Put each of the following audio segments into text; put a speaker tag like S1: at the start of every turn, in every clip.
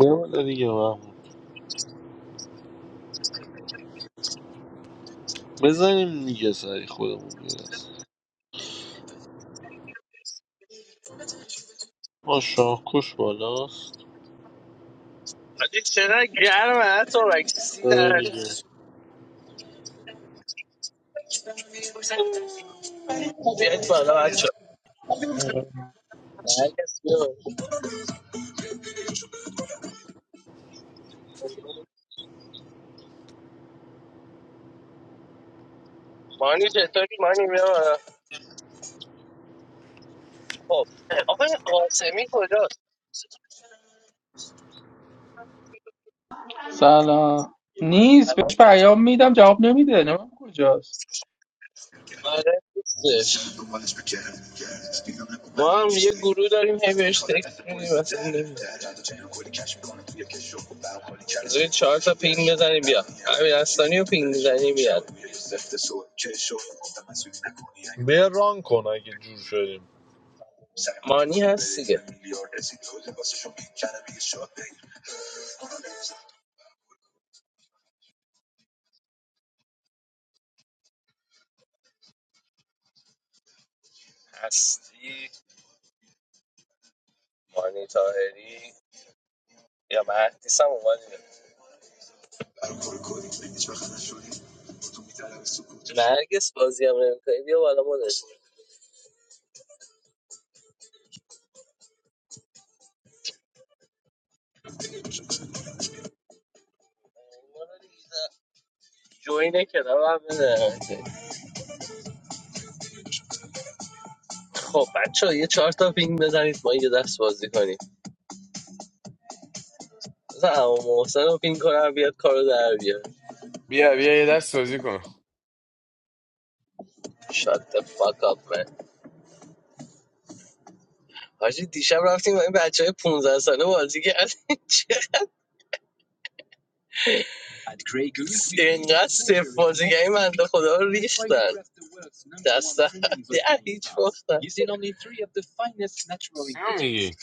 S1: یه والا دیگه محمود بزنیم دیگه سری خودمون میرس ما شاهکش بالاست
S2: آجی چقدر گرم حتی بک سی
S1: آره
S2: درجه
S1: دیگه
S2: هست. بیایید بالا بچه ها.
S3: آره.
S2: مانی چطوری مانی بیا بالا خب آقای قاسمی کجاست
S4: سلام نیست بهش پیام میدم جواب نمیده نمیم کجاست
S2: آره نیستش ما هم یه گروه داریم هی بهش تکس میدیم اصلا نمیاد زوی چهار تا پینگ بزنی بیا همین اصلانی رو پینگ بزنی بیاد
S1: بیا ران کن اگه جور شدیم
S2: مانی هست دیگه هستی مانی تاهری یا مهدیس هم اومد نرگس بازی هم نمیکنی بیا بالا مدش جوین کلاب هم بده خب بچه یه چهار تا پینگ بزنید ما یه دست بازی کنیم مثلا اما محسن رو پینگ کنم بیاد کارو در بیاد
S5: بیا بیا یه دست بازی کن
S2: شات د فاک اپ من حاجی دیشب رفتیم با این بچه های 15 ساله بازی کردیم چه اینقدر صفر بازی کردیم بنده خدا رو ریختن دست در در هیچ باختن
S5: چه میگی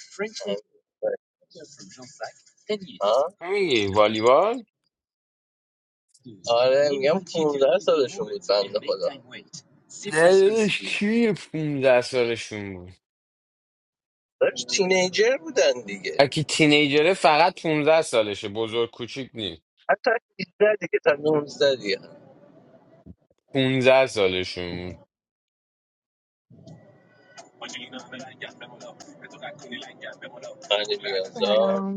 S2: آه؟
S5: چه میگی والیبال
S2: آره میگم 15 سالشون بود بنده خدا
S5: نه داداش کی 15 سالشون بود
S2: داشت تینیجر بودن دیگه
S5: اگه تینیجره فقط 15 سالشه بزرگ کوچیک نیست
S2: حتی 18 دیگه تا 19 دیگه
S5: 15 سالشون بود.
S2: علی بیازار
S6: سلام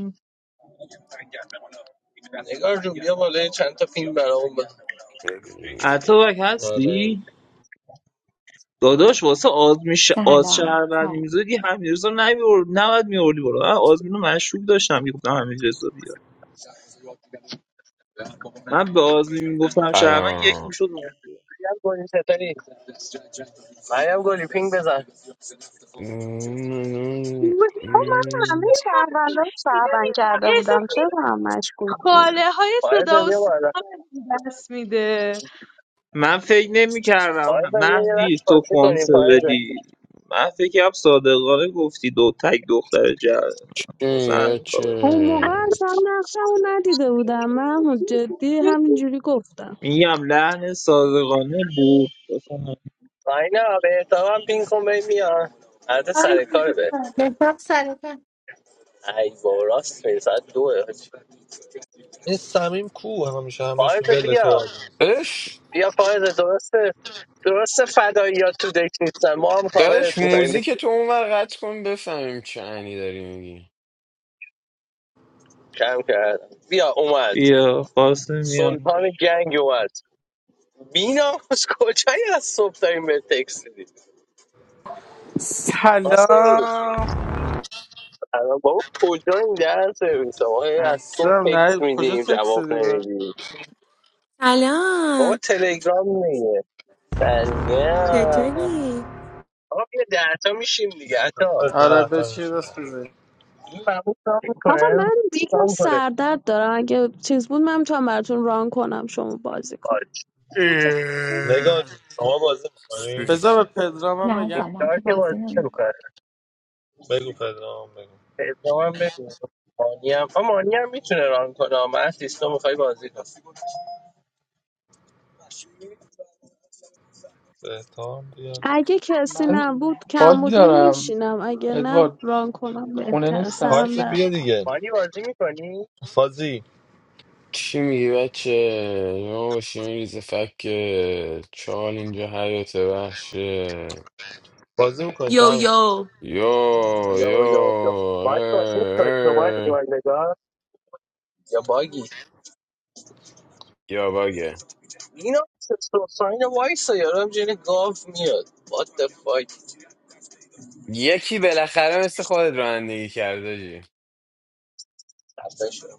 S2: نگار جون بیا بالا چند تا فیلم برامون بزن
S3: عطابک
S1: آره
S3: هستی؟ داداش واسه آزمین ش... آز
S7: سلام
S3: شهروندی
S7: سلام
S3: میزدی همیرزا نمیور نباید میوردی برو من آزمین رو مشروب داشتم میگفتم همیرزا بیا من به آزمین میگفتم شهروند یک
S5: سلام
S3: میشد
S2: مریم گلی چطوری مریم گلی پینگ بزن
S8: خب
S6: میدونی
S8: من همه شهروندار شهروند کرده
S6: احساس
S8: بودم چرا
S6: می‌کنی
S8: به هم مشکوک بودی
S6: خاله های
S2: فایزه
S6: صدا و
S2: بیا
S6: سیما
S2: بالا
S6: بهم دست میده
S3: من فکر نمیکردم
S2: فایزه بیا یه
S3: مهدی
S2: دست
S3: تو
S2: پاسی کنیم
S3: کنسه
S2: فایزه
S3: بدی من فکرم صادقانه گفتی دو تک دختر جهر واسه
S5: چه
S3: همین
S5: چه
S3: کابه.
S8: اون موقع اصلا نقشم رو ندیده بودم من جدی همینجوری گفتم
S3: میگم لحن صادقانه بود واسه همین.
S2: آینا به حساب هم پینگ کن ببین میان عرض سر کاره به
S9: بهتاب سر کار.
S2: ای با راست میری ساعت دوه حاجی.
S1: این سمیم کو همیشه همش
S2: فایزه
S1: ول تو
S2: بیا
S1: آدم
S5: داداش
S2: بیا فایز درسته درسته فداییات تو دک نیستن ما هم کاورت
S5: داداش
S2: میکنیم
S5: موزیک تو اونور قطع کن بفهمیم چه انی داری میگی
S2: کم کردم بیا اومد
S3: بیا قاسم میام
S2: سلطان گنگ اومد بینا از کجایی از صبح داریم به تکس میدیم قاسمی
S10: سلام
S2: الان بابا کجاییم در سرویس ما هی از صبح
S10: هستم
S2: تکس
S10: نه کجا
S2: میدیم
S10: تکس
S2: جواب
S10: دادی به
S2: نمیدیم بابا
S11: سلام
S2: تلگرام میگه ثانیه
S11: چطوری؟
S2: آقا بیا درتا میشیم دیگه عطا
S1: آره،
S10: آره
S1: ده تا
S10: بشین
S1: میشیم
S10: دست
S1: الان.
S10: بزنی
S2: این محمود کار
S8: آقا
S2: میکنه
S8: من
S2: چی کار
S8: یکم
S2: میکنه
S8: سردرد دارم اگه چیز بود من میتونم براتون ران کنم شما بازی کن
S2: آج
S1: نگاه جون، شما بازی میکنیم
S10: بذار به پدرام
S7: نه
S2: این
S7: اصلا
S10: بگم
S7: من
S2: کار
S7: که
S2: که
S7: بازی
S2: بازی
S7: نمیکنم
S2: نمی‌کنه.
S1: بگو پدرام بگو
S2: پدرام بگو مانی هم آه، مانی هم میتونه ران کنه من سیستم میخوای بازی کن
S1: بهتام بیاد
S8: اگه کسی
S4: من
S8: نبود کم
S4: باگ
S8: بودین
S4: دارم
S8: میشینم اگه نه
S4: ادوارد
S8: ران کنم
S4: خونه
S8: بهتر
S4: نیستم
S8: سرم
S1: پایز
S8: درد
S1: بیا دیگه
S2: مانی بازی میکنی
S1: فازی
S5: چی میگی بچه ما باشیم ریز چال اینجا حیات وحشه
S1: بازی میکنیم تو
S11: یو
S1: هم
S11: یو
S5: یا
S2: یا
S5: یو
S2: یا یا مانی بازی
S5: اه،
S2: میکنی تو مانی
S5: اه.
S2: دیگه یا باگی
S5: یا باگه
S2: اینا سوساین وایس یارم جن گاو میاد what the fuck
S5: یکی بالاخره مثل خودت رانندگی کرده جی
S2: خفه شدم.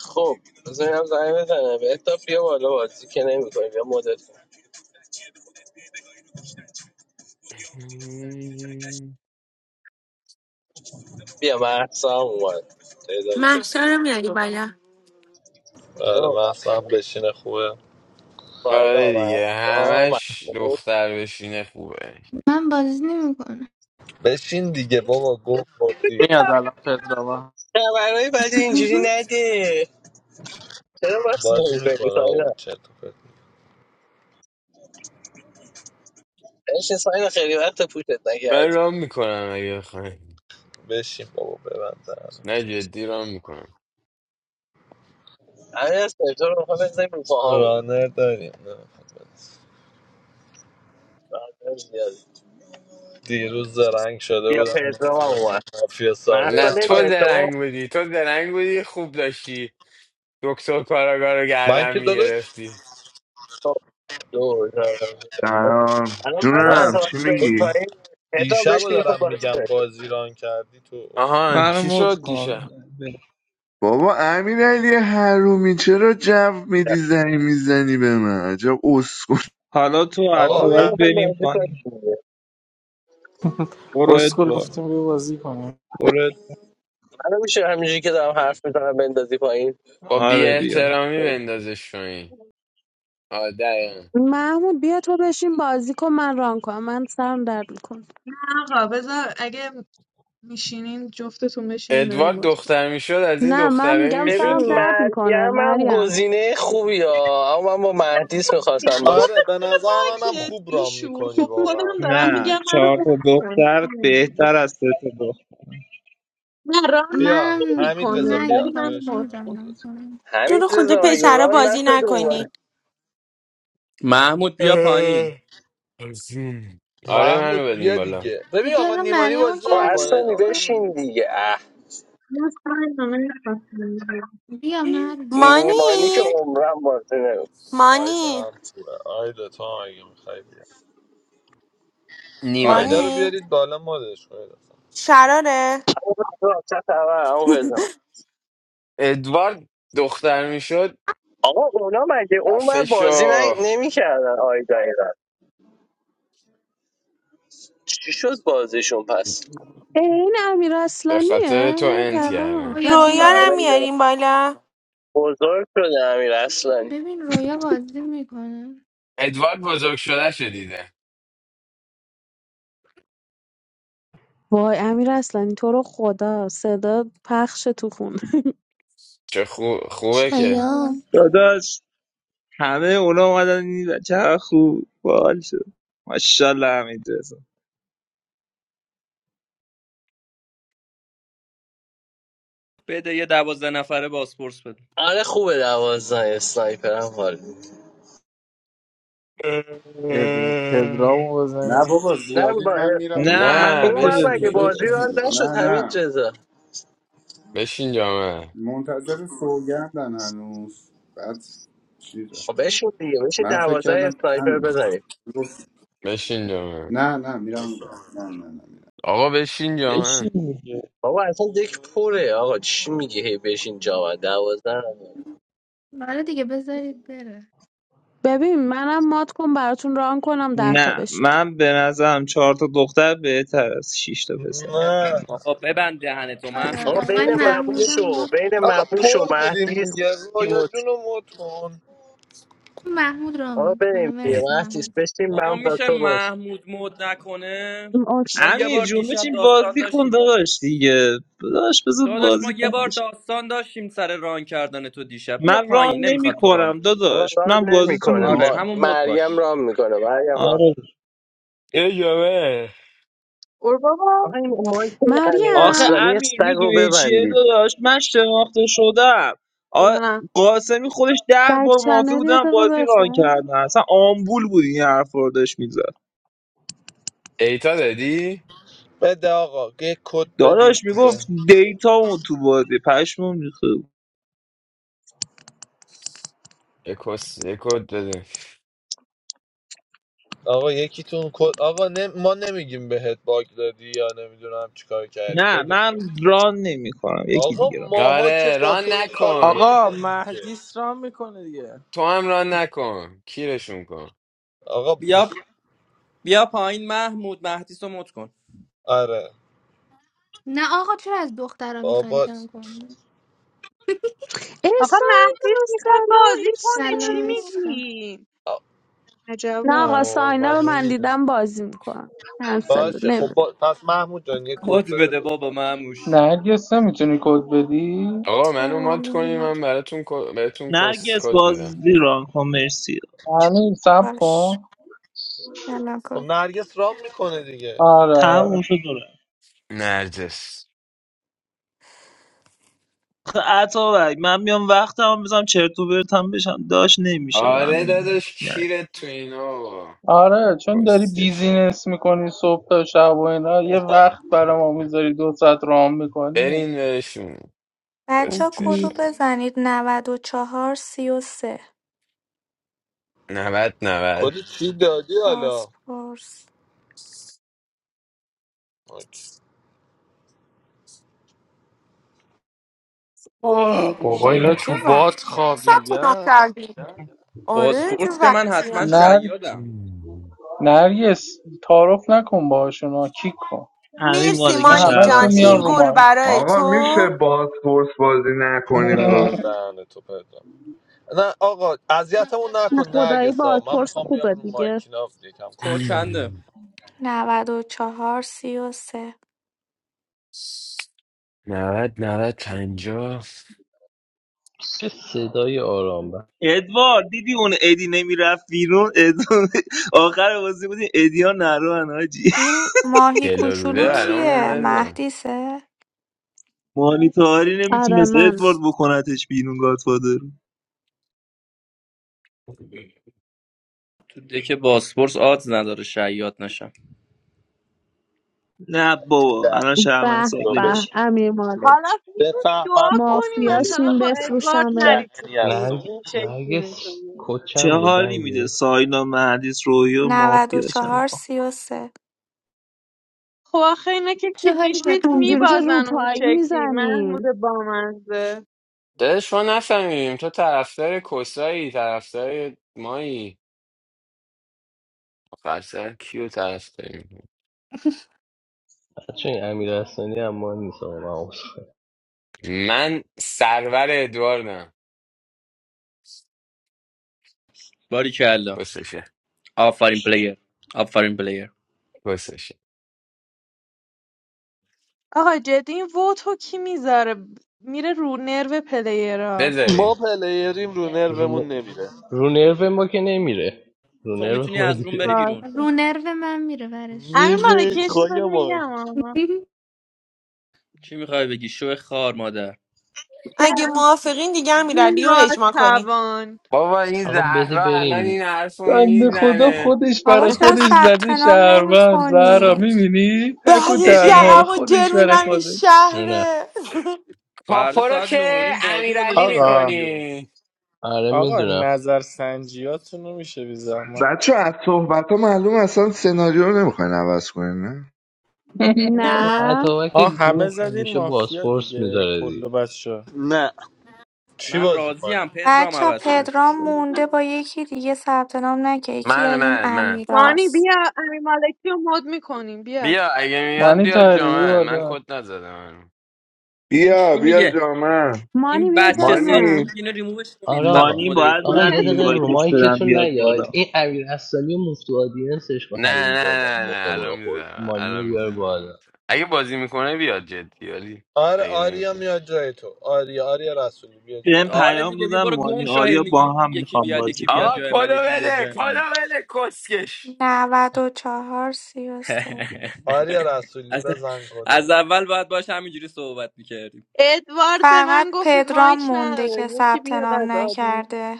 S2: خب بذارم زنگ بزنم بهتا بیا بالا بازی که نمیکنی بیا مدت کن. بیا محسا هم اومد تعدادی شد
S11: محشا رو میاری بالا
S1: آره
S2: اوه،
S1: محسا هم بشینه خوبه
S2: مهسا،
S5: آره
S2: اینا،
S5: دیگه
S2: مهسا،
S5: همش
S2: مهسا.
S5: دختر بشینه خوبه
S9: من بازی نمیکنم
S1: بشین دیگه بابا گفت بازی
S10: میاد الان پدرام
S2: خبرهای بد اینجوری نده چرا بحث
S1: بازی
S2: نمی‌کنی
S1: میکنه و
S2: ساینا
S1: چه
S2: اش ساینا خیلی وقت پوشت
S5: من
S2: نکردیم
S5: رام میکنم اگه بخوای
S1: بشین بابا ببندم
S5: نه جدی رام میکنم
S2: همین از پدرو رو می‌خوام بزنیم رو پاهامون
S1: رانر داریم نمیخوام بنویسم.
S2: مردم زیادی.
S1: دیروز زرنگ شده
S2: بیا
S1: بودم
S2: پدرو هم
S1: مافیا
S2: اومد
S1: مافیا ساده
S2: مرسا
S5: نه
S1: اول
S5: تو
S2: نمیای
S1: گرفت
S2: تو
S5: درنگ بودی تو درنگ بودی خوب داشتی دکتر کاراگاه رو
S1: من
S5: گردن
S1: که داداش
S5: میگرفتی
S2: خب، دور
S12: سلام
S2: الان منو
S1: نه
S12: جونم
S2: اتاق
S12: چی
S2: بریم
S1: تو
S12: میگی؟
S2: پایین پدرو بهش
S1: دیشبو
S2: میخواد
S1: دارم
S2: باز
S1: میگم
S2: کنیم
S1: بازی ران کردی تو اسکو
S5: آهان
S3: منو
S5: چی
S3: مد
S5: شد
S3: کن
S5: دیشب
S12: بابا امیر علی حرومی چرا جو میدی زنی میزنی به من عجب اسکو
S3: حالا تو
S1: آقا
S2: بابا بیا
S1: هم...
S3: اتوبک
S2: میخوایی
S3: بریم
S2: بازی کنیم
S3: پایین
S2: دیگه.
S3: برو
S10: اسکول
S3: ادوار
S10: گفتیم بیا بازی کنیم
S3: برو ادوار.
S2: منو میشه همینجوری که دارم حرف میزنم بندازی پایین
S5: با بی
S3: آره بیا
S5: احترامی
S3: برو
S5: بندازش تو این آه دقیقا
S8: محمود بیا تو بشین بازی کن من ران کنم من سرم درد میکنه
S6: آقا بذار اگه میشینین جفتتون بشینین منو
S5: ادوارد
S6: مد کن
S5: دختر میشد از این
S8: نه من
S5: دختره
S8: میگم
S2: ببین
S5: میشد
S8: سرم
S5: که
S8: درد میکنه
S2: مریم هم
S8: مریم
S2: گزینه خوبی ها اما من با مهدیس میخواستم باز
S1: آره به نظر منم
S6: بابکت
S1: خوب ران
S6: بیشور
S1: میکنی
S6: خب
S1: واقعا
S6: خودم دارم
S3: نه
S6: میگم منو
S3: چهار
S6: مد
S3: تا
S6: کن
S3: دختر بهتر از سه تا دختر
S6: نه راه
S1: بیا
S9: من
S6: نمی
S1: حمید رضا
S6: کنم
S9: من اگه
S1: بیا
S6: ولی
S9: میخوام
S6: من
S1: بیا
S9: بازی کنم
S1: بشین
S6: مد
S9: می‌ذارم
S1: حمید
S6: کن
S1: رضا
S9: من
S1: بازی
S9: کنم
S11: تو
S2: همین
S11: رو خدا
S2: رضا مگه
S9: مریم
S11: پسرا
S2: ران
S11: بازی
S2: نشده اومد
S11: نکنی
S13: محمود بیا پایین
S5: اه، از این. آره منو
S1: محمود
S5: بدیم
S1: بیا
S5: بالا
S1: دیگه ببین
S9: جدی
S1: آقا
S9: الان
S1: نیمانی
S9: مریم رو
S1: بازی
S2: آه
S9: کردیم
S2: اصلا
S1: نمیکنه آقا نیمانی
S2: بشین دیگه اه
S6: نه سن نمیخواستم
S9: بیا مریم
S2: نیمانی که
S11: مانی
S2: عمرم بازی نمی‌کنه.
S1: آیدا
S11: مانی
S1: هم خوبه. آیدا تو هم اگه میخوای آیدا رو
S5: نیمانی
S11: مانی
S1: بیارید بالا مدش کنید
S11: شراره
S2: آقا وسط
S5: ادوارد دختر میشد
S2: اونا مگه اون بر بازی
S5: دفعشو
S2: نمی کردن آیدا ایران چی شد بازیشون پس
S8: اه، این امیر
S5: به خاطر
S8: اصلانیه
S5: تو انت
S8: پرام
S5: کردن
S9: رویا
S11: رویا رو
S9: بیا
S11: میاریم بالا
S2: بزرگ شده امیر اصلانی
S9: ببین رویا بازی میکنه
S5: ادوارد بزرگ شده شدیده
S8: وای امیر اصلانی تو رو خدا صدا پخش تو خونه
S5: چه خو... خوبه که
S14: شایان
S3: داداش همه اونا اومدن این بچه خوب بال شد ماشاءالله حمید رضا
S13: بده یه دوازده نفره بازپرس بده
S2: آره خوبه دوازدن اسنایپر هم حال می‌ده.
S5: اه.
S10: ادم پدرامو
S15: نه
S10: بزنیم
S15: بابا
S2: نه با
S15: زیادید من میرم
S2: اسنایپر.
S3: نه
S15: اون
S2: م-
S15: بر
S5: نه
S15: من
S2: اون
S3: حمید
S2: بر
S15: گفتم که
S3: رضا
S2: مگه
S15: شاید
S5: بشین
S2: بازی
S3: بشین
S2: رو
S15: همین.
S5: بشین
S2: نشد
S15: نه
S2: همین
S15: نه
S2: جزا
S5: بشین جامعه
S15: منتظر سوگندن هنوز بعد چیزه
S2: بشین دیگه بشین
S15: من فکر
S2: دوازده
S15: کردم
S2: اسنایپر
S15: همین
S2: بزنیم
S15: گفت
S5: بشین جامعه
S15: نه نه میرم اون بر نه نه نه میرم
S5: آقا بشین جامعه
S3: بشین دیگه
S2: بابا اصلا دک پره آقا چی میگه هی بشین جا من دوازده
S9: آره دیگه بذارید بره
S8: ببین منم مات کن براتون ران کنم ده تا
S3: نه
S8: بشید
S3: من به نظرم چهار تا دختر بهتر از شیش تا پسر
S1: نه
S3: من-
S13: آقا ببند دهن تو
S9: آره
S2: آقا
S13: محمود
S2: بین
S9: آقای
S1: آقا
S9: محمود
S1: دیگه-
S2: مموش و
S9: مد-
S2: بین
S1: آقا
S2: مموش و
S1: پر بودیم
S2: مهدیس
S1: دیگه رویا
S2: تیموت
S1: جون رو مد کن
S9: محمود را
S2: آقا
S9: میکنه
S2: بریم دیگه
S9: مرسی
S2: مهدیس
S9: محمود
S2: بشین من
S13: آقا
S2: با
S13: میشه
S2: تو باز
S13: محمود مود نکنه
S8: م- اوکی.
S13: ما یه
S3: امیر
S13: بار
S3: جون
S13: دیشب
S3: بچین
S13: داستان
S3: بازی کن
S13: داشتیم
S3: داداش دیگه داداش بذار
S13: داداش ما
S3: بازی
S13: یه
S3: کن
S13: بار داستان داشتیم سر ران کردن تو دیشب بیا
S3: من ران
S13: پایین
S3: نمی
S13: نمیخواد تو ران
S3: کنم
S13: کنی
S2: آقا
S3: داداش
S2: ران
S3: من بازیتون رو
S2: نمیکنه
S13: آره
S3: گوش
S2: ما
S3: میدم
S13: همون مود
S2: مریم
S13: باش
S2: ران میکنه مریم ران
S3: آره
S5: یه جامعه
S2: آقا این
S6: بابا
S2: مایکل علی
S3: آخه
S8: مریم
S2: اصلانی
S3: امیر
S2: سگ رو
S3: میدونی چیه
S2: ببندید
S3: داداش من شناخته شدم آ- قاسمی خودش ده
S8: بک
S3: بار مافی
S8: چنل یه
S3: بودن
S8: دقیقه
S3: بازی ران
S8: بخون
S3: کردن اصلا آمبول بود این حرف رو داشت میزد
S5: ایتا دادی؟
S1: بده آقا یه کد بدید
S3: داداش
S1: دیگه
S3: میگفت دیتا اون تو بازی پشمون ریخته بود.
S5: یکوس یکود بده
S1: آقا یکیتون کد آقا نه... ما نمیگیم بهت باگ دادی یا نمیدونم چیکار کردی
S3: نه
S1: بده
S3: من
S1: کد
S3: ران نمی کنم یکی
S1: آقا
S3: دیگه ران
S1: ماها که
S5: آره
S1: با
S5: ران
S1: تو این کارو
S5: نکن
S1: نمی
S10: آقا
S1: کنیم که
S10: مهدی رام میکنه دیگه
S5: تو هم ران نکن کیرشون کن
S1: آقا
S13: بیا بیا پایین محمود مهدیس رو مد کن
S1: آره
S9: نه آقا چرا از دخترها میخواین
S1: بابا
S9: کم کنیم
S8: ای
S6: آقا مهدیس
S8: ساینا
S6: میخواد
S8: سلام
S6: بازی کنه چی
S9: سلام
S8: عشقم
S9: عشق
S6: میگی؟
S1: آ-
S8: نه آقا
S6: عجبا
S1: وای،
S8: ساینا
S1: من
S8: رو من
S1: نمی‌دونم.
S8: دیدم بازی میکنم
S1: باشه
S8: کنسل
S1: خب با... پس محمود جان یه کد
S13: کد
S1: بده
S13: بده بابا
S1: لطفا
S13: مهموش
S4: نرگس نمیتونی کد بدی
S5: آقا منو
S16: چرا
S5: مات کنی
S16: من
S5: من براتون کو- بهتون کس
S3: نرگس
S5: کد میدم
S3: بازی ران کن مرسی
S4: همین سب
S16: باش
S4: کن
S16: الان
S1: خب
S16: کد
S1: نرگس رام میکنه دیگه
S4: آره آره
S3: تموم شد و رفت.
S5: نرجس
S3: آخه عطابک من میام وقتم هم بزنم چرت و پرتم بشم داشت نمیشه
S5: آره
S3: همین
S5: داداش
S3: نه.
S5: کیرت تو اینا بابا
S4: آره چون داری
S5: کسکشن
S4: بیزینس میکنی صبح تا شب و اینا یه وقت برای ما میذاری دو ساعت رام میکنی
S5: برین بهشون
S4: خب،
S16: بچه ها کدو
S5: کسکشن
S16: بزنید 94 33
S5: نوت نوت
S1: کلی چی دادی حالا
S16: بازپرس
S1: اوکی.
S5: آه.
S10: بابا اینا تو
S11: چه وحش
S10: باد
S11: ثبت نام
S10: خوابیدن
S11: کردی آره چه
S13: بازپرس که من
S11: وحشی
S13: حتما
S4: نر...
S13: شیادم
S4: نرگس تعارف نکن باشون کیک کن
S3: امیر
S11: مرسی
S4: نه
S3: مالکی
S11: مانی
S4: همشون
S3: شهروند
S11: جان
S4: میان
S11: این
S4: رو
S3: سالی
S11: گل
S4: ما
S11: برای
S12: آقا میشه
S11: تو
S12: بازپرس بازی نکنیم
S1: ببند دهن تو پدرام نه آقا اذیتمون
S8: نه
S1: نکن
S8: خدایی
S1: نرگسا من
S8: بازپرس
S1: میخوام بیام
S8: خوبه
S1: رو
S8: دیگه
S1: مایکینا یکم
S13: کد
S1: کسچر بگم
S13: چنده
S16: 94 33
S5: نوت نوت پنجا
S3: ادوارد دیدی اون ادی نمیرفت بیرون ادوارد آخر بازی بودی ادی ها نرو حاجی
S16: این ماهی کوچولو
S5: دلاروده برام
S16: کیه
S5: اومد
S16: مهدیسه
S3: مانیتاری
S8: آره
S3: نمیتونست
S8: من
S3: ادوارد بکنتش بیرون گادفادر
S13: تو دک بازپرس آدز نداره شیاد نشم
S3: نه بابا الان شهروند
S8: به
S1: تو
S3: سالی
S1: ب-
S8: به
S3: میشه
S8: امیر
S6: حالا
S8: مالک
S6: میتونی دعا
S1: بفهمم
S6: کنی
S1: مافیای
S6: مثلا
S8: مافیاشیم
S1: امین
S6: با
S1: بالستون.
S6: ادوارد نری
S8: بفروشمت
S6: تو تیم
S2: نرگ...
S6: این شکلی
S2: نرگس
S6: میتونی
S3: چه
S2: کچم بود
S3: حالی میده
S2: نرگس
S3: ساینا مهدیس رویو مافیا چند
S16: 94
S3: آخه.
S16: 33
S6: خب آخه اینا که
S9: چه حالی به
S6: کلینشیت
S9: تو
S8: اونجوری که
S9: می‌ده؟
S6: میبازن اون
S8: روپایی
S6: شکلی محمود
S8: میزنین
S6: بامزه
S5: داداش ما نفهمیدیم تو طرفدار کسایی طرفدار مایی آخر سر کیو طرفداری می‌کنی؟
S2: بچه این امیر اصلانی هم ما نیست آقا من عذرخواهی.
S5: من سرور ادواردم
S13: باری
S5: کسشه
S13: آفرین پلیر آفرین پلیر
S5: کسشه
S6: آقا جدی این ووتو کی میذاره میره رو نرو پلیرا
S5: بذارین
S1: ما پلیریم رو
S2: رو...
S1: نرومون
S2: ن-
S1: نمیره
S2: رو نرو ما که نمیره رو
S13: تو
S2: نرو
S13: میتونی
S2: خود
S13: از روم
S2: میره
S13: بری بیرون
S6: باشه
S9: رو نرو من میره ورش
S6: امیر
S1: میگه
S6: مالکی یه چیز بهت
S1: خواهی
S6: میگم آها.
S13: چی میخوای بگی شو خار مادر
S11: اگه موافقین دیگه هم میردی رو اجماع کنی
S6: ناتوان
S5: بابا این
S2: آقا بده
S5: زهرا الان
S2: بریم
S5: این حرف رو
S4: بنده خدا
S5: میزنه
S4: خودش
S16: بابا
S4: برای
S16: چرا
S4: خودش
S16: ثبت
S4: زده
S16: نام نمی
S4: شهروند زهرا
S16: کنید
S4: میبینی تک و
S11: بعدش
S4: تنها
S11: یقم
S13: ادی
S11: و جر
S4: خودش برای
S11: میدم این
S4: خودش
S2: جونه
S11: شهره
S5: کاپو
S13: فردا
S5: رو
S13: ساعت نه و
S5: که
S13: نیم بازی
S5: امیرعلی
S13: گذاشته که
S10: آقا
S13: آریو
S5: میکنی
S2: آره
S10: آقا
S2: میدونم
S10: نظر سنجیاتونو میشه بی زحمت
S12: بچه از صحبت ها معلوم اصلا سناریو رو نمیخواین عوض کنین نه؟
S2: این
S11: نه
S8: نه
S2: اتابک
S10: آه همه
S2: گو
S10: زدین
S2: همیشه
S10: مافیا
S2: بازپرس
S10: دیگه
S2: میذاره
S10: کل
S2: دی
S10: بچه
S1: نه چی
S13: من
S1: بازی
S13: راضیم
S1: کنیم
S13: پدرام
S16: بچه ها
S13: عوض شه
S16: پدرام مونده با یکی دیگه ثبت نام نکرد یکی
S5: من
S16: از این
S5: من من
S6: مانی بیا
S16: امیراست
S6: امیر مالکی رو مد میکنیم بیا
S5: بیا اگه میاد
S4: معنی
S5: بیا
S4: تحریبی
S5: جامن من
S4: بالا
S5: کد نزدم هنوز.
S13: این
S12: بیا
S13: چی
S12: بیا
S13: میگه
S12: جامعه
S8: مانی
S13: این
S8: بیا
S13: بچه
S8: جای
S13: سال
S8: من
S13: چی
S12: مانی
S13: میگه اینو ریمووش کنید
S2: آره
S13: وقتی
S2: آقا
S3: مانی باید
S2: آقا
S13: مدیریتورم
S3: من
S2: یه
S13: شده
S2: دقیقه رو
S3: اینوایتش بدم
S2: مایکتون
S3: بیاد
S2: نیاد
S3: بالا
S2: این امیر اصلی و مفتو آدینسش با
S5: نه
S2: حروم
S5: نه
S2: دادن
S5: نه نه
S2: مخمون رو
S5: الان
S2: خورد
S5: میزنم
S2: مانی رو
S5: الان
S2: بیار
S5: میزنم الان
S2: بالا
S5: میزنم اگه بازی میکنه بیاد جدی ولی
S1: آره
S5: اگه
S1: آریا
S5: نمیکنه
S1: میاد جای تو آریا آریا رسولی بیا
S3: بهم
S1: جای
S13: آره
S3: پیام
S13: دیگه بیا
S3: دادن
S13: برو گم
S3: مانی
S13: شو
S3: آریا
S13: هی میگی
S3: با هم
S13: یکی
S3: میخوام
S13: بیاد
S3: بازی
S13: یکی بیاد
S5: آقا
S3: کنم
S13: جای من
S5: کدو
S13: یکی بیاد
S5: بده
S13: جای
S5: کدو
S13: من
S5: بده کسکش
S16: 94 33
S1: آریا رسولی
S13: از,
S1: بزن کدو
S13: از اول باید باش همینجوری صحبت میکردیم
S6: ادوارد به
S16: فقط
S6: من گفت
S16: پدرام
S6: مایک
S16: مونده
S6: نداره
S16: که
S6: یکی
S16: ثبت
S6: بیاد
S16: نام
S6: از آدین
S16: نکرده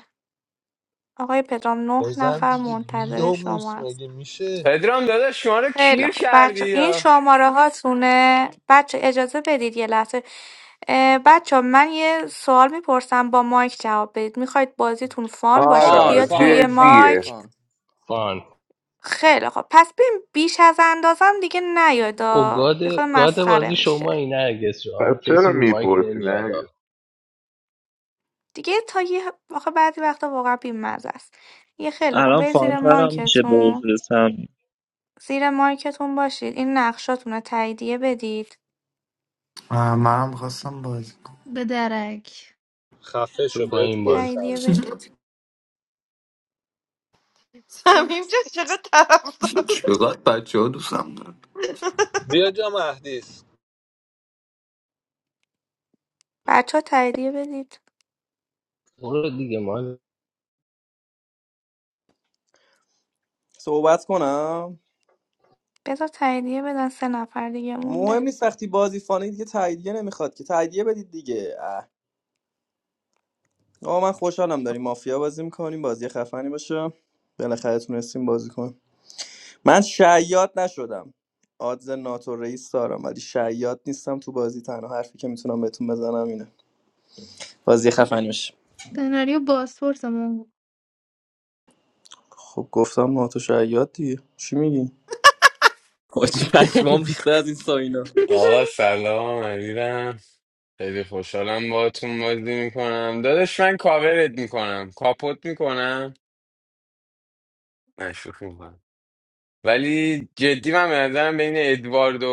S16: آقای پدرام نه
S1: بزن
S16: نفر
S1: دیگه
S16: منتظر شما
S1: بیداموس
S16: هست
S1: مگه میشه
S5: پدرام داداش شما رو
S16: خیلی
S5: کیر
S16: خوب
S5: کردی
S16: بچه این
S5: یا
S16: شماره هاتونه بچه اجازه بدید یه لحظه بچه من یه سوال میپرسم با مایک جواب بدید میخواید بازیتون فان باشه
S13: فان
S12: آره
S16: بیاد روی
S13: فان فان
S12: جدیه
S16: مایک
S13: فان
S2: فان
S16: خیلی خوب پس ببین بیش از اندازم دیگه
S2: او
S16: نیادا
S2: گاد
S16: یه خود
S2: گاد
S16: مسخره
S2: بازی
S16: میشه
S2: شما این هرگز
S12: پس
S2: شما
S12: چرا
S2: کسی رو مایک
S12: میپرسی
S2: نمیاد
S12: نه
S16: دیگه تا یه آخه بعضی وقتا واقعا بیمزه است یه خیلی خوب
S3: الان
S16: برید زیر
S3: فانتر هم میشه به
S16: مایکتون
S3: حضور سمی
S16: زیر مایکتون باشید این نقشاتونه تاییدیه بدید
S17: I'm not a bad boy.
S9: به درک
S1: خفه
S2: تو
S1: شو
S2: با
S1: بهت
S2: این بازی
S1: گفتم
S16: تاییدیه
S1: بیا
S16: بدید
S9: اوه.
S11: صمیم جان چقدر طرفدار
S17: You're not bad, you're just a bad boy.
S1: بیا جا مهدیس
S16: بچه ها تاییدیه بدید
S2: برو دیگه ما
S13: صحبت کنم
S16: بذار تاییدیه بدن سه نفر دیگه مونده
S13: مهم نیست وقتی بازی فانه دیگه تاییدیه نمیخواد که تاییدیه بدید دیگه اه. آقا من خوشحالم داریم مافیا بازی میکنیم بازی خفنی باشه بالاخره تونستیم بازی کنیم من شیاد نشدم آدز ناتو رئیس دارم ولی شیاد نیستم تو بازی تنها حرفی که میتونم بهتون بزنم اینه بازی خفنی باشه
S9: سناریو بازپورس همون
S13: خب گفتم ناتو شیاد دیگه چی میگی حاجی پشمام ریخته از این ساینا
S5: آقا سلام علیرم خیلی خوشحالم باهاتون بازی میکنم داداش من کاورت میکنم کاپوت میکنم نه شوخی میکنم ولی جدی من به نظرم بین ادوارد و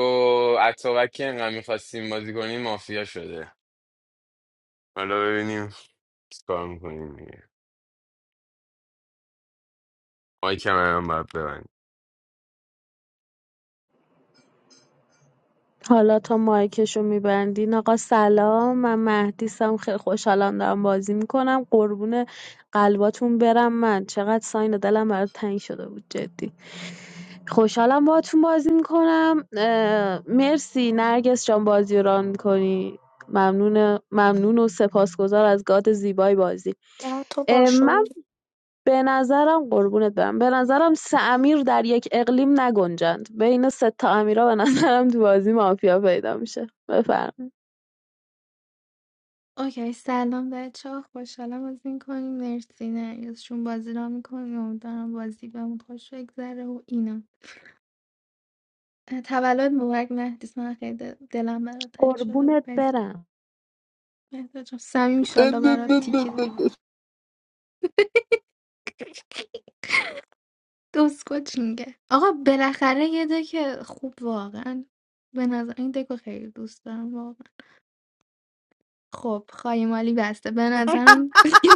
S5: اتابکی انقدر میخواستیم بازی کنیم مافیا شده حالا ببینیم چیکار میکنیم دیگه مایکم هم باید ببند
S8: حالا تا مایکشو میبندین آقا سلام من مهدیسم خیلی خوشحالم دارم بازی میکنم قربون قلباتون برم من چقدر ساین دلم برات تنگ شده بود جدی خوشحالم باهاتون بازی میکنم مرسی نرگس جان بازی رو ران میکنی ممنون ممنون و سپاسگزار از گاد زیبای بازی
S16: چقدر تو
S8: اه، من
S16: باشو
S8: به نظرم قربونت برم به نظرم سه امیر در یک اقلیم نگنجند بین سه تا امیرا به نظرم تو بازی مافیا پیدا میشه بفرم
S9: اوکی سلام بچه ها خوشحالم بازی میکنیم مرسی نه بازی را میکنیم امیدوارم بازی بهمون خوش بگذره و اینا اه، تولد مبارک مهدیس من خیلی دل- دلم برات تنگ شده
S8: قربونت
S9: بود عزیز
S8: برم
S9: مهداد جان سمیم ایشالله برات تیکه تیکه دوسکوچ میگه آقا بالاخره یه دک خوب واقعا به نظر این دکو خیلی دوست دارم خب خایمالی بسته به نظرم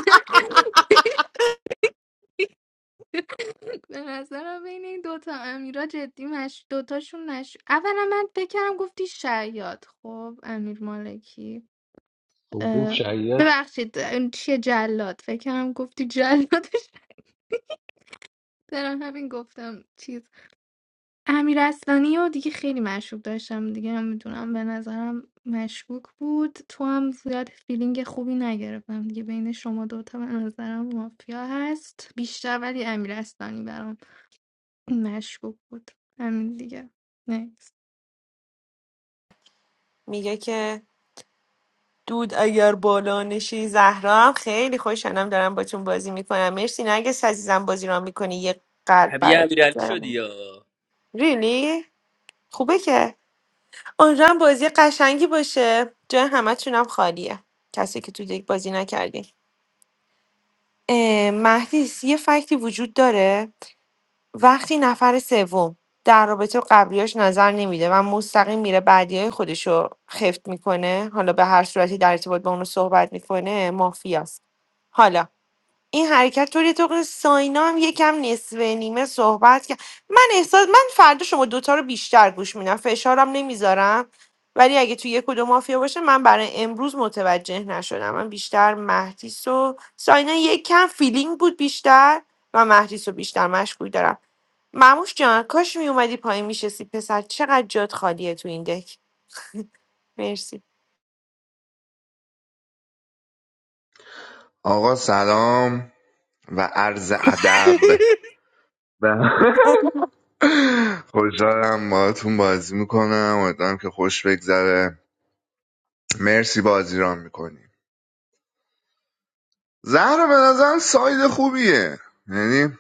S9: به نظرم بین این دوتا امیرا جدی مش دوتاشون نش اولا من فکرم گفتی شیاد خب امیر مالکی
S2: خب گفت
S9: اه،
S2: شاید
S9: ببخشید این چیه جلاد فکرم گفتی جلادش برم همین گفتم چیز امیر اصلانی و دیگه خیلی مشکوک داشتم دیگه نمیدونم به نظرم مشکوک بود تو هم زیاد فیلینگ خوبی نگرفتم دیگه بین شما دوتا به نظرم مافیا هست بیشتر ولی امیر اصلانی برام مشکوک بود همین دیگه نیست
S11: میگه که دود اگر بالا نشی زهرا هم خیلی خوشحالم دارم باتون بازی میکنم مرسی نرگس عزیزم بازی را میکنی یه قلب
S13: شبیه
S11: برات
S13: امیرعلی شدی
S11: میذارم
S13: یا
S11: ریلی خوبه که امیدوارم بازی قشنگی باشه جای همتونم خالیه کسی که تو دیگه بازی نکردین اه، مهدیس یه فکتی وجود داره وقتی نفر سوم در رابطه قبلیاش نظر نمیده و مستقیم میره بعدیای خودشو خفت میکنه حالا به هر صورتی در ارتباط با اونو صحبت میکنه مافیاست حالا این حرکت طوری تو که ساینا هم یکم نصفه نیمه صحبت کرد من احساس من فردا شما دوتا رو بیشتر گوش میدم فشارم نمیذارم ولی اگه تو یک و دو مافیا باشه من برای امروز متوجه نشدم من بیشتر مهدیس و ساینا یکم فیلینگ بود بیشتر و مهدیس رو بیشتر مشغول دارم مموش جان کاش می اومدی پایین میشستی پسر چقدر جات خالیه تو این دک مرسی
S12: آقا سلام و عرض ادب خوشحالم باهاتون بازی میکنم امیدوارم که خوش بگذره مرسی بازی رام میکنی زهرا به نظرم ساید خوبیه یعنی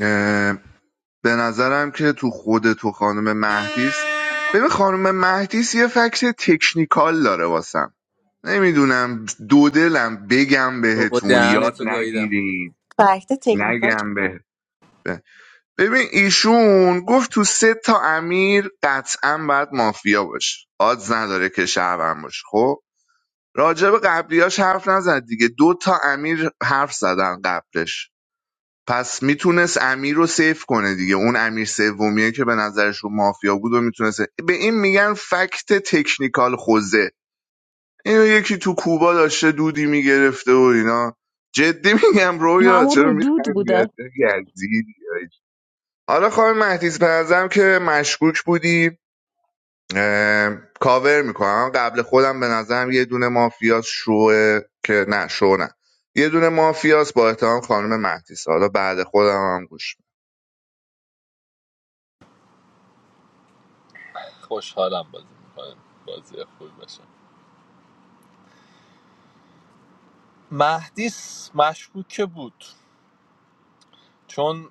S12: اه، به نظرم که تو خود تو خانم مهدیس ببین خانم مهدیس یه فکت تکنیکال داره واسم نمیدونم دو دلم بگم
S13: با
S12: بهتون
S13: دهن
S12: یاد
S13: تو گاییدم
S12: نگیرین
S14: فکت تکنیکال چ-
S12: نگم به ببین ایشون گفت تو سه تا امیر قطعا باید مافیا باشه آدز نداره که شهروند باشه خب راجب قبلیاش حرف نزد دیگه دو تا امیر حرف زدن قبلش پس میتونست امیر رو سیف کنه دیگه اون امیر سومیه که به نظرش رو مافیا بود و میتونست به این میگن فکت تکنیکال خوزه اینو یکی تو کوبا داشته دودی میگرفته و اینا جدی میگم رویا
S8: همون
S12: چرا
S8: رو
S12: میخندی
S8: بوده
S12: عجب یزیدی حالا خانم مهدیز به که مشکوک بودی اه، کاور میکنم قبل خودم به نظرم یه دونه مافیاس شوه که نه شو نه یه دونه مافیاس با احترام خانم مهدیس حالا بعد خودم هم گوش
S1: خوشحالم بازی میکنیم بازی خوبی باشه مهدیس مشکوکه بود چون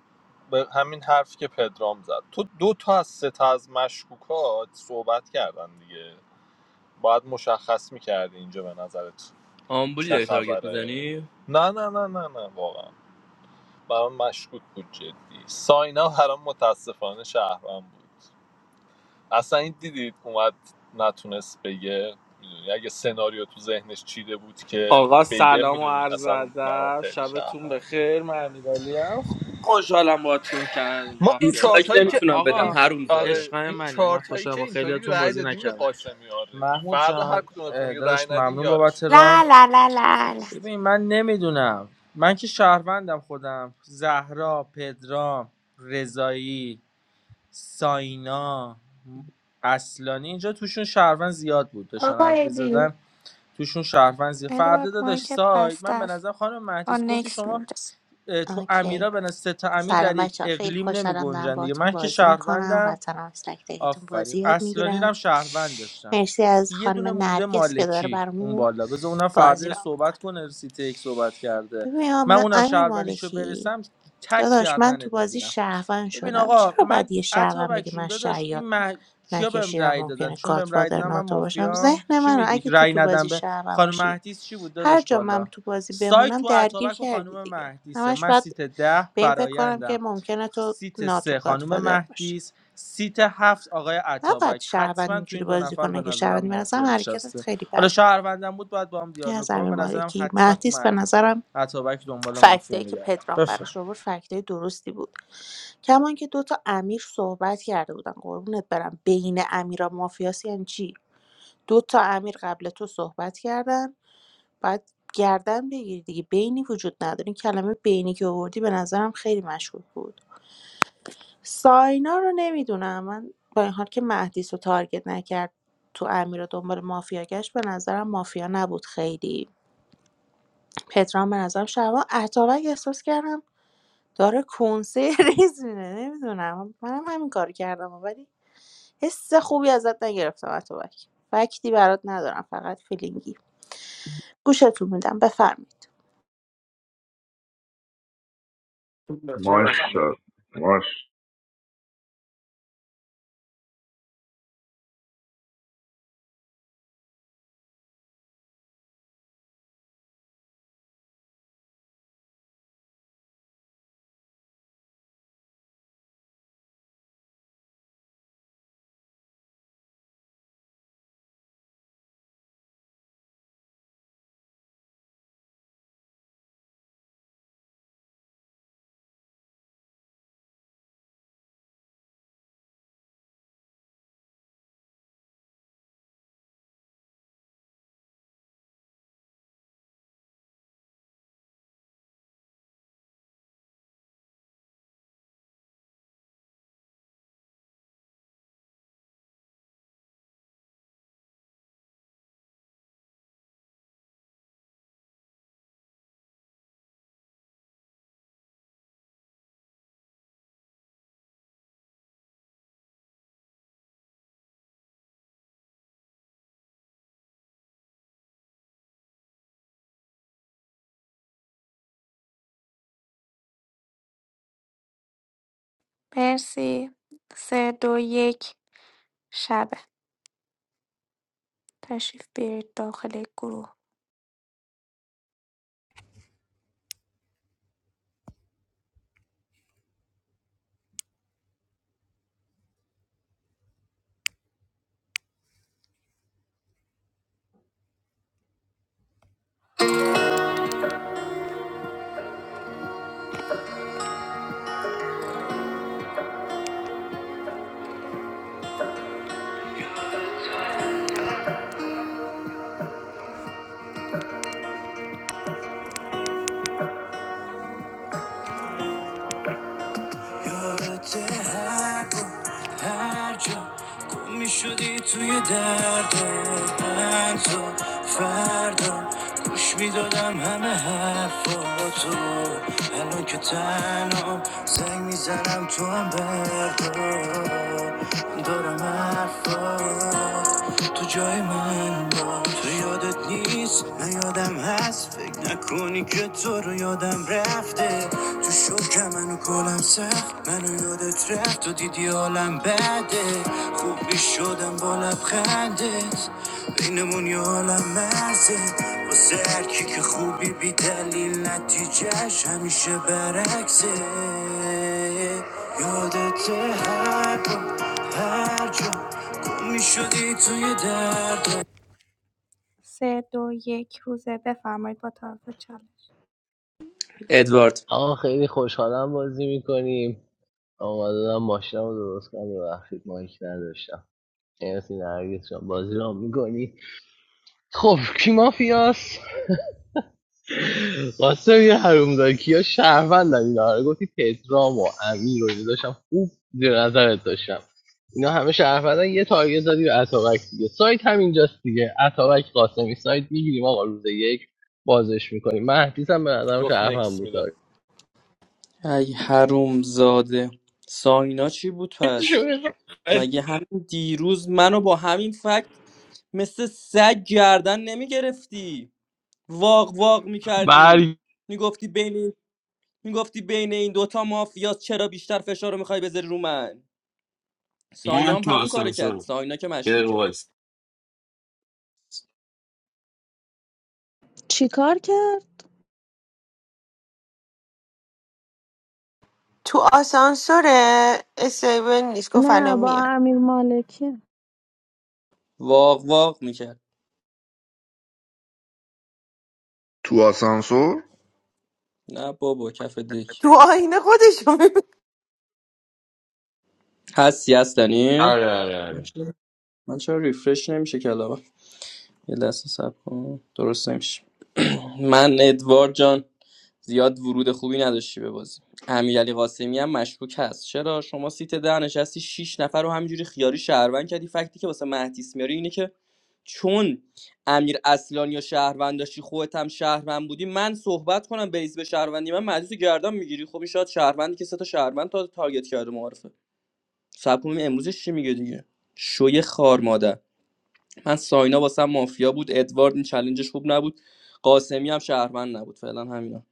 S1: به همین حرفی که پدرام زد تو دو تا از سه تا از مشکوکات صحبت کردن دیگه باید مشخص میکردی اینجا به نظرت
S13: آمبولی
S1: چه
S13: داری تارگت
S1: خبره
S13: میزنی
S1: نه نه نه نه نه واقعا برام مشکوک بود جدی ساینا برام متاسفانه شهرم بود اصلا این دیدید اومد نتونست بگه میدونی اگه سناریو تو ذهنش چیده بود که
S10: آقا
S1: بگه
S10: سلام و
S1: میدونی
S10: عرض
S1: اصلا برام
S10: ادب
S1: خیلی
S10: شبتون
S1: شهرم
S10: بخیر من امیرعلی ام خوشحالم باهاتون کنار
S1: ما این
S10: مافیا بازی
S13: دیسلایک
S1: چارت هایی
S10: میکنم
S1: که
S13: نمیتونم بدم
S10: آقا
S1: این
S13: هروم زاده
S1: آره
S10: عشقای
S1: این
S10: منی من
S1: چارت هایی
S10: خوشحالم
S1: که
S10: با
S1: اینطوری
S10: خیلیاتون
S1: رأی
S10: بازی
S1: دادیم به
S10: نکردم
S1: قاسمی آردی
S10: محمود
S1: فردا هر
S10: جان
S1: کدومتون
S10: اه،
S1: یه رأی
S10: داداش
S1: ندین
S10: ممنون بابت
S1: یارشید به
S11: لا
S10: ران
S1: نظر
S11: لا
S1: من
S11: لا لا, لا.
S1: نکست
S10: ببین من نمیدونم من که شهروندم خودم زهرا پدرام رضایی ساینا اصلانی اینجا توشون شهروند زیاد بود داشتن حرف
S9: آقای دی
S10: زدن توشون شهروند فردا
S16: ادوارد
S10: داداش
S16: مایکت
S10: ساید
S16: بسته
S10: من به
S16: است
S10: نظر خانم
S16: با
S10: مهدیس گفتی
S16: نکس
S10: شما
S16: میده
S10: اه، تو
S14: اوکی
S10: امیرا به نظر سه تا امیر
S14: سلام
S10: در یک
S14: بچه خیلی
S10: اقلیم نمی
S14: خوشحالم دارم
S10: گنجن دیگه
S14: باهاتون
S10: من که
S14: بازی میکنم
S10: شهروندم
S14: قطعا هم از تک تکتون
S10: آفرین
S14: بازی یاد
S10: اصلانی رو هم
S14: میگیرم
S10: شهروند داشتم
S14: مرسی از
S10: یه
S14: خانم
S10: دونه مونده
S14: نرگس که داره
S10: مالکی اون
S14: برامون
S10: بالا بذار اونم
S14: بازی
S10: فردا
S14: را
S10: صحبت
S14: میکنه
S10: کنه سیتی یک صحبت کرده
S14: ببین
S10: من
S14: من
S10: اونم
S14: امیر
S10: شهروندیشو
S14: مالکی
S10: برسم تک
S14: داداش من تو
S10: گردنت
S14: بازی
S10: میگیرم
S14: شهروند
S10: ببین
S14: شدم
S10: آقا
S14: چرا باید
S10: من
S14: یه شهروند
S10: عطابک
S14: بگه
S10: جون
S14: من
S10: داداش این
S14: شیاد
S10: مح... کیا بهم
S14: نکشیدم
S10: رأی دادن
S14: ممکنه
S10: چون بهم رأی
S14: گادفادر
S10: دادن من
S14: ناتو باشم
S10: مافیام
S14: ذهن
S10: چی
S14: من
S10: میگی
S14: اگه تو
S10: رأی
S14: تو
S10: ندم
S14: بازی
S10: به
S14: شهروند
S10: خانم
S14: باشی
S10: مهدیس چی بود
S14: هر
S10: داداش
S14: جا من
S10: بالا
S14: تو بازی
S10: سایت
S14: بمونم
S10: تو
S14: درگیر
S10: عطابک و
S14: کردی
S10: خانم
S14: دیگه
S10: مهدیسه
S14: همش
S10: من
S14: باید
S10: سیت ده
S14: به این فکر کنم که
S10: برایندم
S14: ممکنه تو
S10: سیت
S14: ناتو
S10: سه خانم
S14: گادفادر باشی
S10: مهدیس سیت هفت آقای
S14: نباید
S10: عطابک
S14: شهروند
S10: حتما تو
S14: اینجوری
S10: این دو
S14: بازی
S10: نفر به
S14: کنه که
S10: نظرم
S14: شهروندی به نظرم
S10: مافیا
S14: حرکتت
S10: نشسته
S14: خیلی
S10: حالا
S14: بد بود
S10: شهروندم بود باید با هم
S14: این
S10: دیالوگ
S14: از
S10: کنم
S14: امیر
S10: به نظرم
S14: مالکی
S10: حتما تو
S14: مهدیس به
S10: مهدیس
S14: نظرم
S10: عطابک دنبال مافیا
S14: فکتایی که
S10: میگردم
S14: پدرام براش
S10: بفهم
S14: آورد فکتای درستی بود کمان که دوتا امیر صحبت کرده بودن قربونت برم بین امیرا مافیاسی یعنی چی دوتا امیر قبل تو صحبت کردن بعد گردن بگیری دیگه بینی وجود نداره این کلمه بینی که آوردی به نظرم خیلی مشکوک بود ساینا رو نمی‌دونم من با این حال که مهدیس رو تارگت نکرد تو امیر و دنبال مافیا گشت به نظرم مافیا نبود خیلی پدرام به نظرم شبا اتابک احساس کردم داره کنسه ریز میده نمیدونم منم همین کار کردم ولی حس خوبی ازت نگرفتم اتابک فکتی برات ندارم فقط فیلینگی گوشتون میدم بفرمایید
S12: می‌دم. ماشا ماش
S16: مرسی سه دو یک شبه تشریف بیارید داخل گروه یادت هر جا هر جا گم می شدی توی درد من تو فردا گوش میدادم همه حرفاتو الان که تنها زنگ میزنم تو هم بردار دارم حرفات تو جای من باش تو یادت نیست نه یادم هست فکر نکنی که تو رو یادم رفته تو شکر منو کلم سخت منو یادت رفت تو دیدی حالم بده خوب می شدم با لبخندت بینمون یه عالم مرزه واسه هرکی که خوبی بی دلیل نتیجهش همیشه برعکسه یادت هر هر جا گم میشدی توی درد سه دو یک روزه بفرمایید با طرف چالش
S13: ادوارد
S2: آقا خیلی خوشحالم بازی میکنیم آمدادم ماشینم رو درست کنم ببخشید مایک نداشتم مرسی نرگس شما بازی رو میکنی خب کی مافیاست قاسم یه حرومزاده کیا شهروندن اینا رو گفتی پدرام و امیر رو اینا داشتم خوب زیر نظرت داشتم اینا همه شهروندن یه تارگت زدی به اتابک دیگه سایت هم اینجاست دیگه اتابک قاسمی سایت میگیریم آقا روز یک بازش میکنیم مهدیس هم به نظرم
S1: گفت
S2: شهروند
S1: نکست
S2: بود
S1: میدم
S2: تارگت.
S13: ای هروم زاده ساینا چی بود پس مگه همین دیروز منو با همین فکت مثل سگ گردن نمیگرفتی واق واق میکردی
S2: برگ
S13: میگفتی بین این- میگفتی بین این دوتا مافیاست چرا بیشتر فشار رو میخوای بذاری رو من ساینا
S5: من
S13: هم
S5: تو
S13: همون کارو کرد
S5: آسانسور
S13: ساینا که
S5: یه دقیقه
S13: مشکوکه
S5: وایس
S8: چیکار کرد
S11: تو آسانسور استیبل نیست گفت الان
S8: نه با
S11: میام.
S8: امیر مالکی اصلا
S13: واق واق میکرد
S12: تو آسانسور
S13: نه بابا کف دک
S11: تو آینه خودشو می‌بینه.
S13: هستی هستنی
S5: آره آره
S13: من
S5: آره
S13: چرا من چرا ریفرش نمیشه کلابم یه لحظه صبر کن درست نمیشه من ادوارد جان زیاد ورود خوبی نداشتی به بازی امیرعلی قاسمی هم مشکوک هست چرا شما سیت ده نشستی 6 نفر رو همینجوری خیاری شهروند کردی فکتی که واسه مهدیس میاری اینه که چون امیر اصلانی یا شهروند داشتی خودت هم شهروند بودی من صحبت کنم بیس به شهروندی من مجلس گردن میگیری خب این شاید شهروندی که سه تا شهروند تا تارگت کرده معارفه صبر کنیم امروزش چی میگه دیگه شوی خار مادر من ساینا واسم مافیا بود ادوارد این چلنجش خوب نبود قاسمی هم شهروند نبود فعلا همینا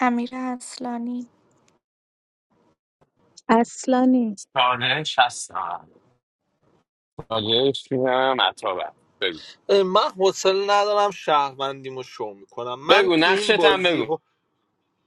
S16: امیر اصلانی
S8: اصلانی
S5: چالش هستم چالش میدم عطا بگو
S1: من حوصله ندارم شهروندیمو شو میکنم من
S5: بگو
S1: تو این
S5: نقشت هم بگو
S1: بازی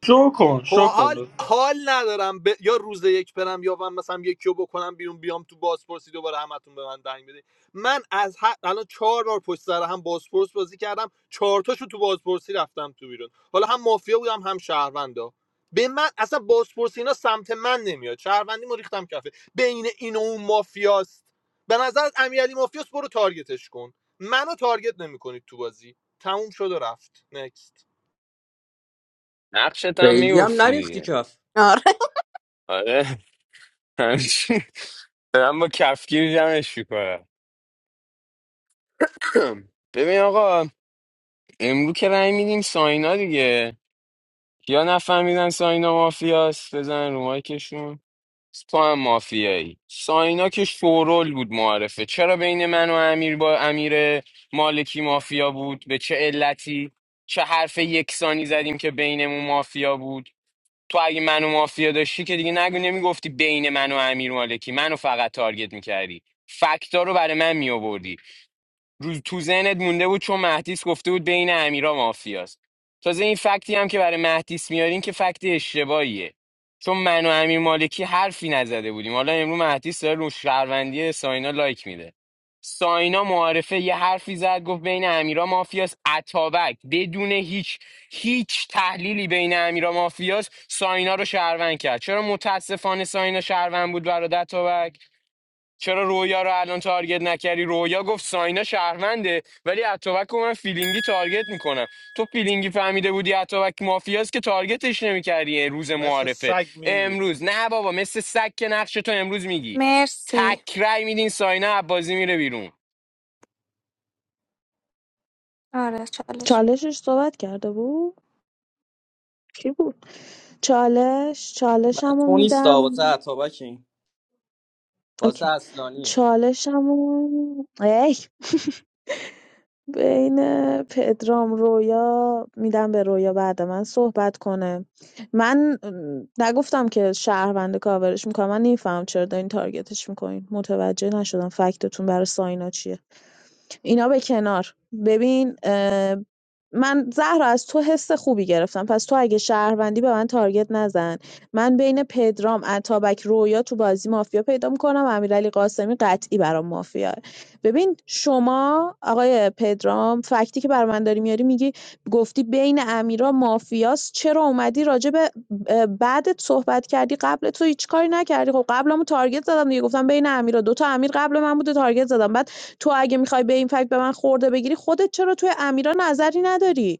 S10: شو کن شو
S1: خب،
S10: کن
S1: حال
S10: لطفا.
S1: حال ندارم ب... یا روز یک برم یا من مثلا یکی رو بکنم بیرون بیام تو بازپرسی دوباره همتون به من دنگ بده من از ه... الان چهار بار پشت سر هم بازپرس بازی کردم چهار تاشو تو بازپرسی رفتم تو بیرون حالا هم مافیا بودم هم شهروندا به من اصلا بازپرسی اینا سمت من نمیاد شهروندیمو ریختم کفه بین این و اون مافیاست به نظر امیرعلی مافیاست برو تارگتش کن منو تارگت نمیکنید تو بازی تموم شد و رفت نکست
S5: نقشت هم
S13: خیلی هم
S5: میگفتی
S13: نریختی
S5: دیگه
S13: کف
S14: آره
S5: آره همچین دارم با کفگیر جمعش میکنم ببین آقا امرو که رای میدیم ساینا دیگه یا نفهمیدن ساینا مافیاست بزن رو مایکشون سپاه مافیایی ساینا که شورول بود معرفه چرا بین من و امیر با امیر مالکی مافیا بود به چه علتی چه حرف یکسانی زدیم که بینمون مافیا بود تو اگه منو مافیا داشتی که دیگه نگو نمیگفتی بین من و امیر مالکی منو فقط تارگت میکردی فکتا رو برای من میآوردی رو تو ذهنت مونده بود چون مهدیس گفته بود بین امیرا مافیاست تازه این فکتی هم که برای مهدیس میارین که فکت اشتباهیه چون من و امیر مالکی حرفی نزده بودیم حالا امروز مهدیس داره رو شهروندی ساینا لایک میده ساینا معارفه یه حرفی زد گفت بین امیرا مافیاس اتابک بدون هیچ هیچ تحلیلی بین امیرا مافیاس ساینا رو شهروند کرد چرا متاسفانه ساینا شهروند بود برادر اتابک چرا رویا رو الان تارگت نکردی رویا گفت ساینا شهرونده ولی اتوبک رو من فیلینگی تارگت میکنم تو فیلینگی فهمیده بودی اتوبک مافیاست که تارگتش نمیکردی روز
S1: مثل
S5: معارفه
S1: سگ میری بیرون
S5: امروز نه بابا مثل سگ که نقش تو امروز میگی
S16: مرسی
S5: تکرای میدین ساینا بازی میره بیرون
S16: آره چالش
S8: چالشش صحبت کرده بود کی بود چالش
S13: برای
S8: چالشمو
S13: تو نیست
S8: میدم
S13: واسه عطابک این واسه
S8: اوکی
S13: اصلانیه
S8: چالشمو ای بین پدرام رویا میدم به رویا بعد من صحبت کنه من م، نگفتم که شهروند کاورش میکنم من نمیفهم چرا دارین تارگتش میکنین متوجه نشدم فکتتون برای ساینا چیه اینا به کنار ببین اه، من زهرا از تو حس خوبی گرفتم پس تو اگه شهروندی به من تارگت نزن من بین پدرام اتابک رویا تو بازی مافیا پیدا میکنم امیرعلی قاسمی قطعی برام مافیا ببین شما آقای پدرام فکتی که بر من داری میاری میگی گفتی بین امیرا مافیاست چرا اومدی راجع به اه، بعدت صحبت کردی قبل تو هیچ کاری نکردی خب قبلمو تارگت زدم دیگه گفتم بین امیرا دو تا امیر قبل من بوده تارگت زدم بعد تو اگه میخوای به این فکت به من خورده بگیری خودت چرا توی امیرا نظری نداری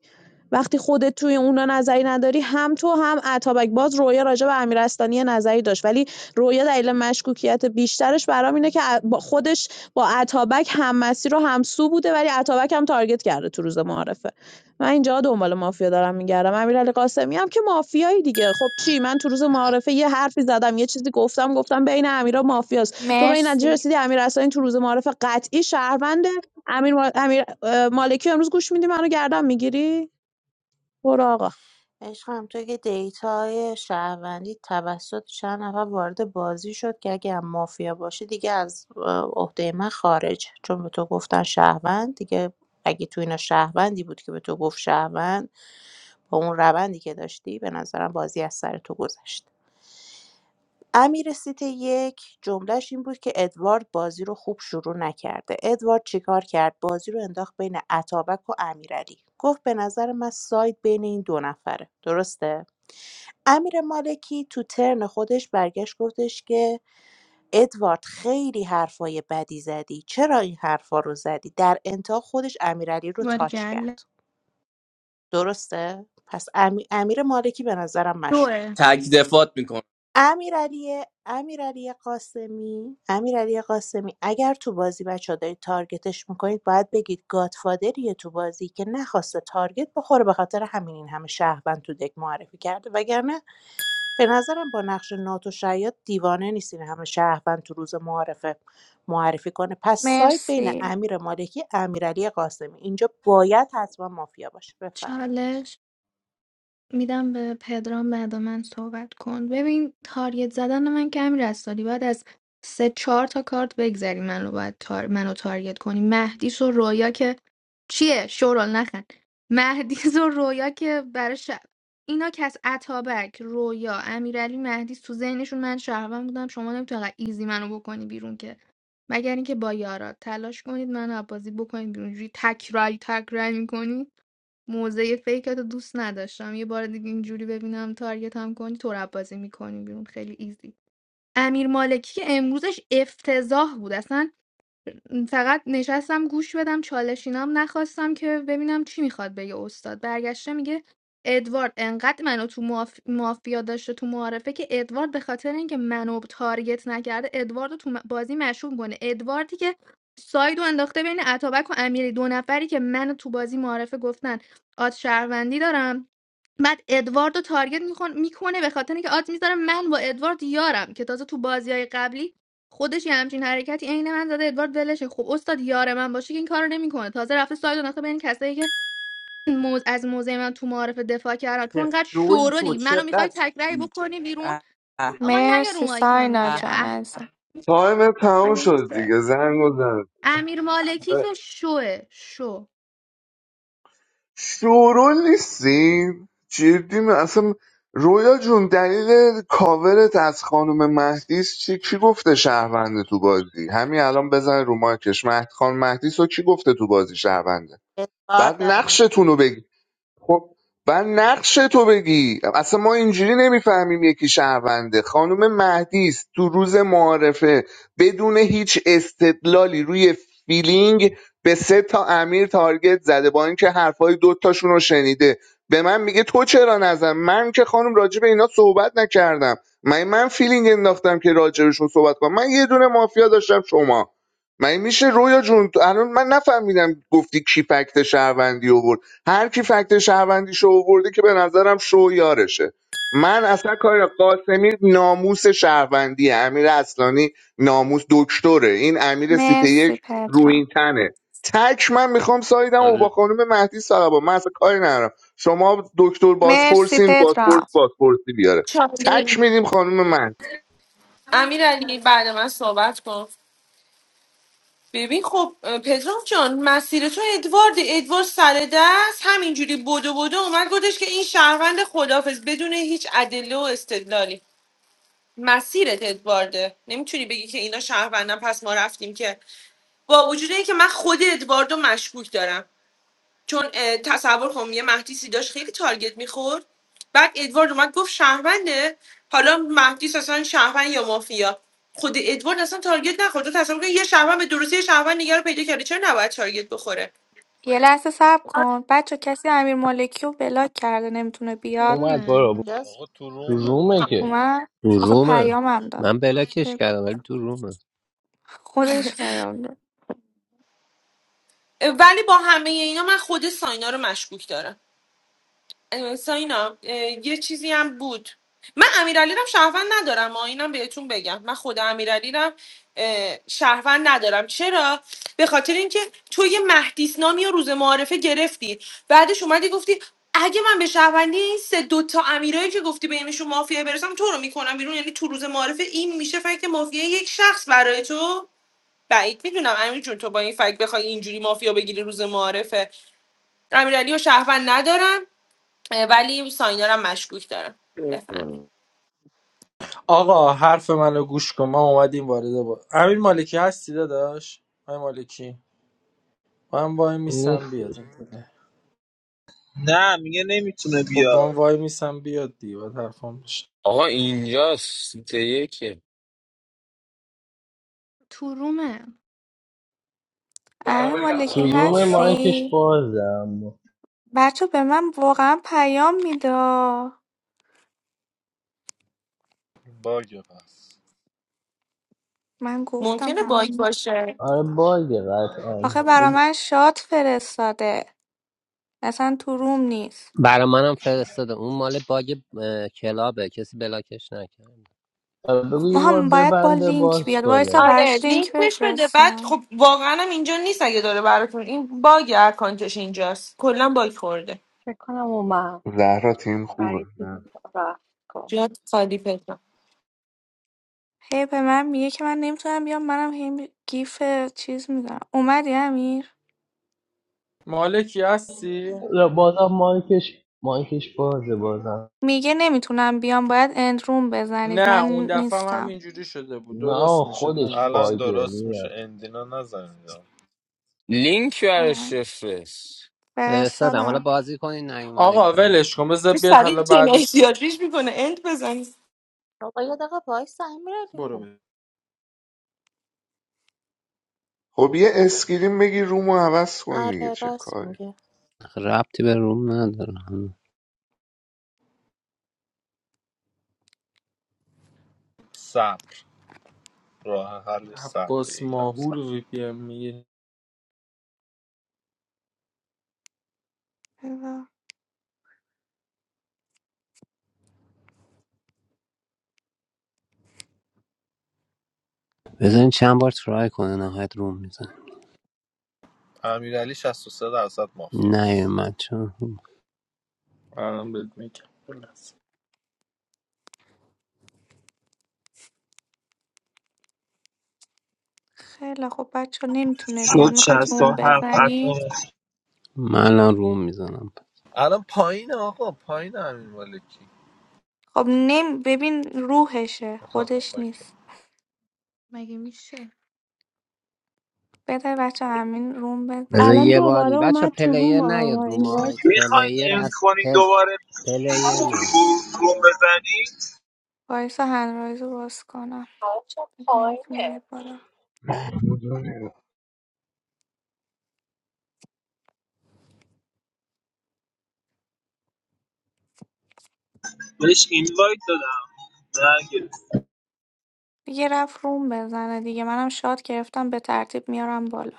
S8: وقتی خودت توی اونا نظری نداری هم تو هم اتابک باز رویا راجع به امیرستانی یه نظری داشت ولی رویا دلیل مشکوکیت بیشترش برام اینه که با- خودش با اتابک هم مسیر و همسو بوده ولی اتابک هم تارگت کرده تو روز معارفه من اینجا دنبال مافیا دارم میگردم امیرعلی قاسمی هم که مافیایی دیگه خب چی من تو روز معارفه یه حرفی زدم یه چیزی گفتم گفتم بین امیرا مافیاست تو به این نتیجه
S16: مرسی
S8: رسیدی امیر اصلانی تو روز معارف قطعی شهرونده امیر, ما- امیر مالکی امروز گوش میدی منو گردن میگیری برو آقا
S14: عشقم تو که دیتای شهروندی توسط چند نفر وارد بازی شد که اگه هم مافیا باشه دیگه از اه، عهده من خارج چون به تو گفتن شهروند دیگه اگه تو اینا شهروندی بود که به تو گفت شهروند با اون روندی که داشتی به نظرم بازی از سر تو گذشت امیر سیت یک جملهش این بود که ادوارد بازی رو خوب شروع نکرده ادوارد چیکار کرد بازی رو انداخت بین اتابک و امیرعلی گفت به نظر من ساید بین این دو نفره درسته امیر مالکی تو ترن خودش برگشت گفتش که ادوارد خیلی حرفای بدی زدی چرا این حرفا رو زدی در انتها خودش امیرعلی رو تاچ
S9: باریکلا
S14: کرد درسته پس امی- امیر مالکی به نظرم مشکوک
S9: دوره
S13: تک دفات میکنه
S14: امیرعلی امیرعلی قاسمی امیرعلی قاسمی اگر تو بازی بچه دارید تارگتش میکنید باید بگید گادفادریه تو بازی که نخواسته تارگت بخوره به خاطر همین این همه شهروند تو دک معرفی کرده وگرنه به نظرم با نقش ناتوشعیاد دیوانه نیست این همه شهروند تو روز معارفه معرفی کنه پس سایت بین
S16: مرسی
S14: امیر مالکی امیرعلی قاسمی اینجا باید حتما مافیا باشه بفهم
S9: چالش میدم به پدرام بعد من صحبت کن ببین تارگت زدن من که همین رستادی باید از سه چهار تا کارت بگذری منو باید تار... منو تارگت کنی مهدیس و رویا که چیه شورال نخند مهدیس و رویا که برای شب اینا که از اتابک رویا امیرعلی مهدیس تو ذهنشون من شهروند بودم شما نمیتونی انقدر ایزی منو بکنی بیرون که مگر اینکه با یارا تلاش کنید منو از بازی بکنید بیرون جوری تک رای تک رای می‌کنی. موزه فیکتو دوست نداشتم یه بار دیگه اینجوری ببینم تارگت هم کنی تو بازی میکنی بیرون خیلی ایزی امیر مالکی که امروزش افتضاح بود اصلا فقط نشستم گوش بدم چالشینام نخواستم که ببینم چی میخواد بگه استاد برگشته میگه ادوارد انقدر منو تو ماف... مافیا داشته تو معارفه که ادوارد به خاطر اینکه منو تارگت نکرده ادوارد رو تو م- بازی مشروب کنه ادواردی که سایدو انداخته بین اتابک و امیری دو نفری که من تو بازی معارفه گفتن آد شهروندی دارم بعد ادوارد رو تارگت میخون- میکنه به خاطر اینکه آد میذاره من با ادوارد یارم که تازه تو بازی های قبلی خودش یه همچین حرکتی عین من زده ادوارد ولشه خب استاد یار من باشه که این کارو نمیکنه تازه رفته ساید انداخته بین کسایی که موز از موزه من تو معارف دفاع کردن تو
S13: چه
S9: انقدر
S13: جویی تو
S9: شورولی منو میخوای
S13: چقدر
S9: تکراری بکنی بیرون
S13: اه، اه،
S9: آقا نیا رو
S16: مرسی
S9: مایک هم
S16: ساینا
S9: دیگه
S13: اه.
S16: جان
S9: اه
S16: عزیزم
S12: تایم تموم
S9: مگه
S12: شد
S9: میشه
S12: دیگه زنگ بزن
S9: امیر مالکی که شوه شو
S12: شورول نیستیم جدی م- اصلا رویا جون دلیل کاورت از خانم مهدیس چی کی گفته شهرونده تو بازی همین الان بزن رو مایکش مهد خان مهدیس رو کی گفته تو بازی شهرونده
S14: اعتبار
S12: بعد
S14: در
S12: نقشتون رو بگی خب و نقش تو بگی اصلا ما اینجوری نمیفهمیم یکی شهرونده خانم مهدی است تو روز معارفه بدون هیچ استدلالی روی فیلینگ به سه تا امیر تارگت زده با اینکه حرفای دوتاشون رو شنیده به من میگه تو چرا نزن من که خانم راجع به اینا صحبت نکردم من من فیلینگ انداختم که راجبشون صحبت کنم من یه دونه مافیا داشتم شما من میشه رویا جون الان من نفهمیدم گفتی کی فکت شهروندی آورد هر کی فکت شهروندیشو آورده که به نظرم شو یارشه من اصلا کار قاسمی ناموس شهروندی امیر اصلانی ناموس دکتره این امیر سیته
S16: مرسی
S12: یک
S16: پدرام
S12: روین تنه تک من میخوام سایدم و با خانم مهدی صاحبا من اصلا کاری ندارم شما دکتر
S16: مرسی
S12: بازپرسین بازپرس
S16: پدرام
S12: بازپرسی بیاره تک
S11: چالی
S12: میدیم خانم مهدی
S11: امیر علی بعد من صحبت کن ببین خب اه، پدرام جان مسیر تو ادوارد ادوارد سر دست همینجوری بدو بدو اومد گفتش که این شهروند خدافز بدون هیچ ادله و استدلالی مسیرت ادوارده نمیتونی بگی که اینا شهروندن پس ما رفتیم که با وجود اینکه من خود ادواردو مشکوک دارم چون اه، تصور کنم یه مهدی سیداش خیلی تارگت میخورد بعد ادوارد اومد گفت شهرونده حالا مهدی اصلا شهروند یا مافیا خود ادوارد اصلا تارگت نخورد تو تصور کن یه شهروند به درستی یه شهروند نگه رو پیدا کرده چرا نباید تارگت بخوره
S16: یه لحظه صبر کن بچه کسی امیر مالکی رو بلاک کرده نمیتونه
S9: تو
S16: بیاد
S9: رومه
S2: اومد بارا بود.
S9: الان.
S14: میگه
S1: آقا تو
S2: تو
S1: رومه
S2: رومه
S1: چی
S2: که
S1: میگه
S16: اومد آخه
S18: Room? I
S16: پیامم داد
S18: didn't play it. I'm in the room.
S16: خودش پیام داد
S11: اه، ولی با همه اینا من خود ساینا رو مشکوک دارم اه، ساینا اه، یه چیزی هم بود من امیرعلی رو شهروند ندارم ما اینم بهتون بگم من خود امیرعلی رو اه، شهروند ندارم چرا به خاطر اینکه تو یه مهدیس نامی و روز معارفه گرفتی بعدش اومدی گفتی اگه من به شهروندی این سه دوتا امیرایی که گفتی بینشون مافیا برسم تو رو میکنم بیرون یعنی تو روز معارفه این میشه فکر مافیا یک شخص برای تو بعید میدونم امیر جون تو با این فکر بخوای اینجوری مافیا بگیری روز معارفه امیرعلی و شهروند ندارم اه، ولی ساینا رو هم مشکوک دارم بفرمایید
S10: آقا حرف منو گوش کن ما اومدیم وارد با امیر مالکی هستی داداش امیر مالکی من وای میسم بیاد
S2: نیستش
S3: نه میگه نمیتونه
S10: خب
S3: بیاد
S10: من وای میسم بیاد دیگه باید حرفم بشه
S5: آقا اینجاست سیت یکه
S9: تو رومه
S16: امیر مالکی
S2: تو رومه مایکش
S16: هستی
S2: بازم
S16: بچه به من واقعا پیام میدا
S1: باگه پس
S16: من گفتم
S11: ممکنه باگ
S16: همش
S11: باشه
S2: آره باگه
S16: آخه
S2: قطعا
S16: برا من شات فرستاده اصلا تو روم نیست
S18: For me, I'm frustrated. That mall is just a mess. I didn't play
S2: بگو
S16: ما
S2: یه بار
S16: هم باید با
S2: ببنده
S16: لینک
S2: باز
S16: بیاد وایسا
S2: کنه
S11: آره
S16: براش
S11: لینک
S16: لینک
S11: بهش بده بعد
S16: بفرستم
S11: خب واقعا هم اینجا نیست اگه داره براتون این باگ اکانتش اینجاست کلا باگ خورده
S7: فکر کنم اومد
S12: زهرا تیم خوبه
S7: پرید
S12: نه
S7: بیرون رفت کنم
S11: جات خالی پترم
S16: هی به من میگه که من نمیتونم بیام منم هی می- گیف چیز میدم اومدی امیر
S10: مالکی هستی
S2: نه، بازم مایکش مایکش بازه بازم
S16: میگه نمیتونم بیام باید اند روم بزنید من
S10: نه اون دفعه هم
S16: نیستم
S10: همینجوری شده بود
S2: نه
S10: درست میشه نه
S2: خودش
S1: الان
S10: درست.
S2: باگه
S1: درست
S2: میاد
S1: میشه اندینا نزنیدم
S5: لینک
S16: اه،
S5: برش بفرست
S18: it. I'm frustrated. I'm
S16: فرستادم
S18: playing it.
S10: آقا ولش کن بذار
S11: چه
S10: بیاد
S11: سریع
S10: حالا بعدش
S11: جنایتی ها ریش میکنه اند بزن
S14: بابا یه دقیقه وایس امیرعلی
S10: برو
S14: خب
S10: برو
S12: خب یه اسکرین بگی رومو عوض کن دیگه
S14: آره
S12: چه
S14: راست
S12: کاری
S14: میگه
S18: No, I didn't
S1: صبر راه حلش صبر
S10: عباس
S1: یکم
S10: ماهور
S1: صبر
S10: وی پی ام میگه
S18: play it. You didn't get into the room, did you?
S1: امیرعلی 63 درصد مافی
S18: No, I
S1: است
S18: didn't.
S10: الان بهت میگم
S16: خیلی خب بچه نمیتونه بیاد
S3: شد
S16: میخواید روم
S3: 67
S16: بزنید
S3: اتم
S18: I'm in the room.
S1: الان پایین آقا پایین امیر مالکی
S16: خب نمی... ببین روحشه خودش نیست
S9: مگه میشه
S16: بده بچه همین روم
S18: Why? Because
S8: الان
S16: بزنه
S18: one
S8: دوباره
S18: more time,
S8: اومد
S18: first
S8: تو
S18: one is not a room.
S8: روم
S18: First one
S3: میخواین
S18: is.
S3: این کنین
S18: First
S3: دوباره
S18: one is not.
S3: روم بزنین
S16: وایسا هنرایز رو باز کنم
S7: بچه
S16: نمیتونه
S7: پایینه
S16: بیاد بالا
S3: بهش اینوایت دادم
S16: دیگه رفت روم بزنه دیگه منم شاد گرفتم به ترتیب میارم بالا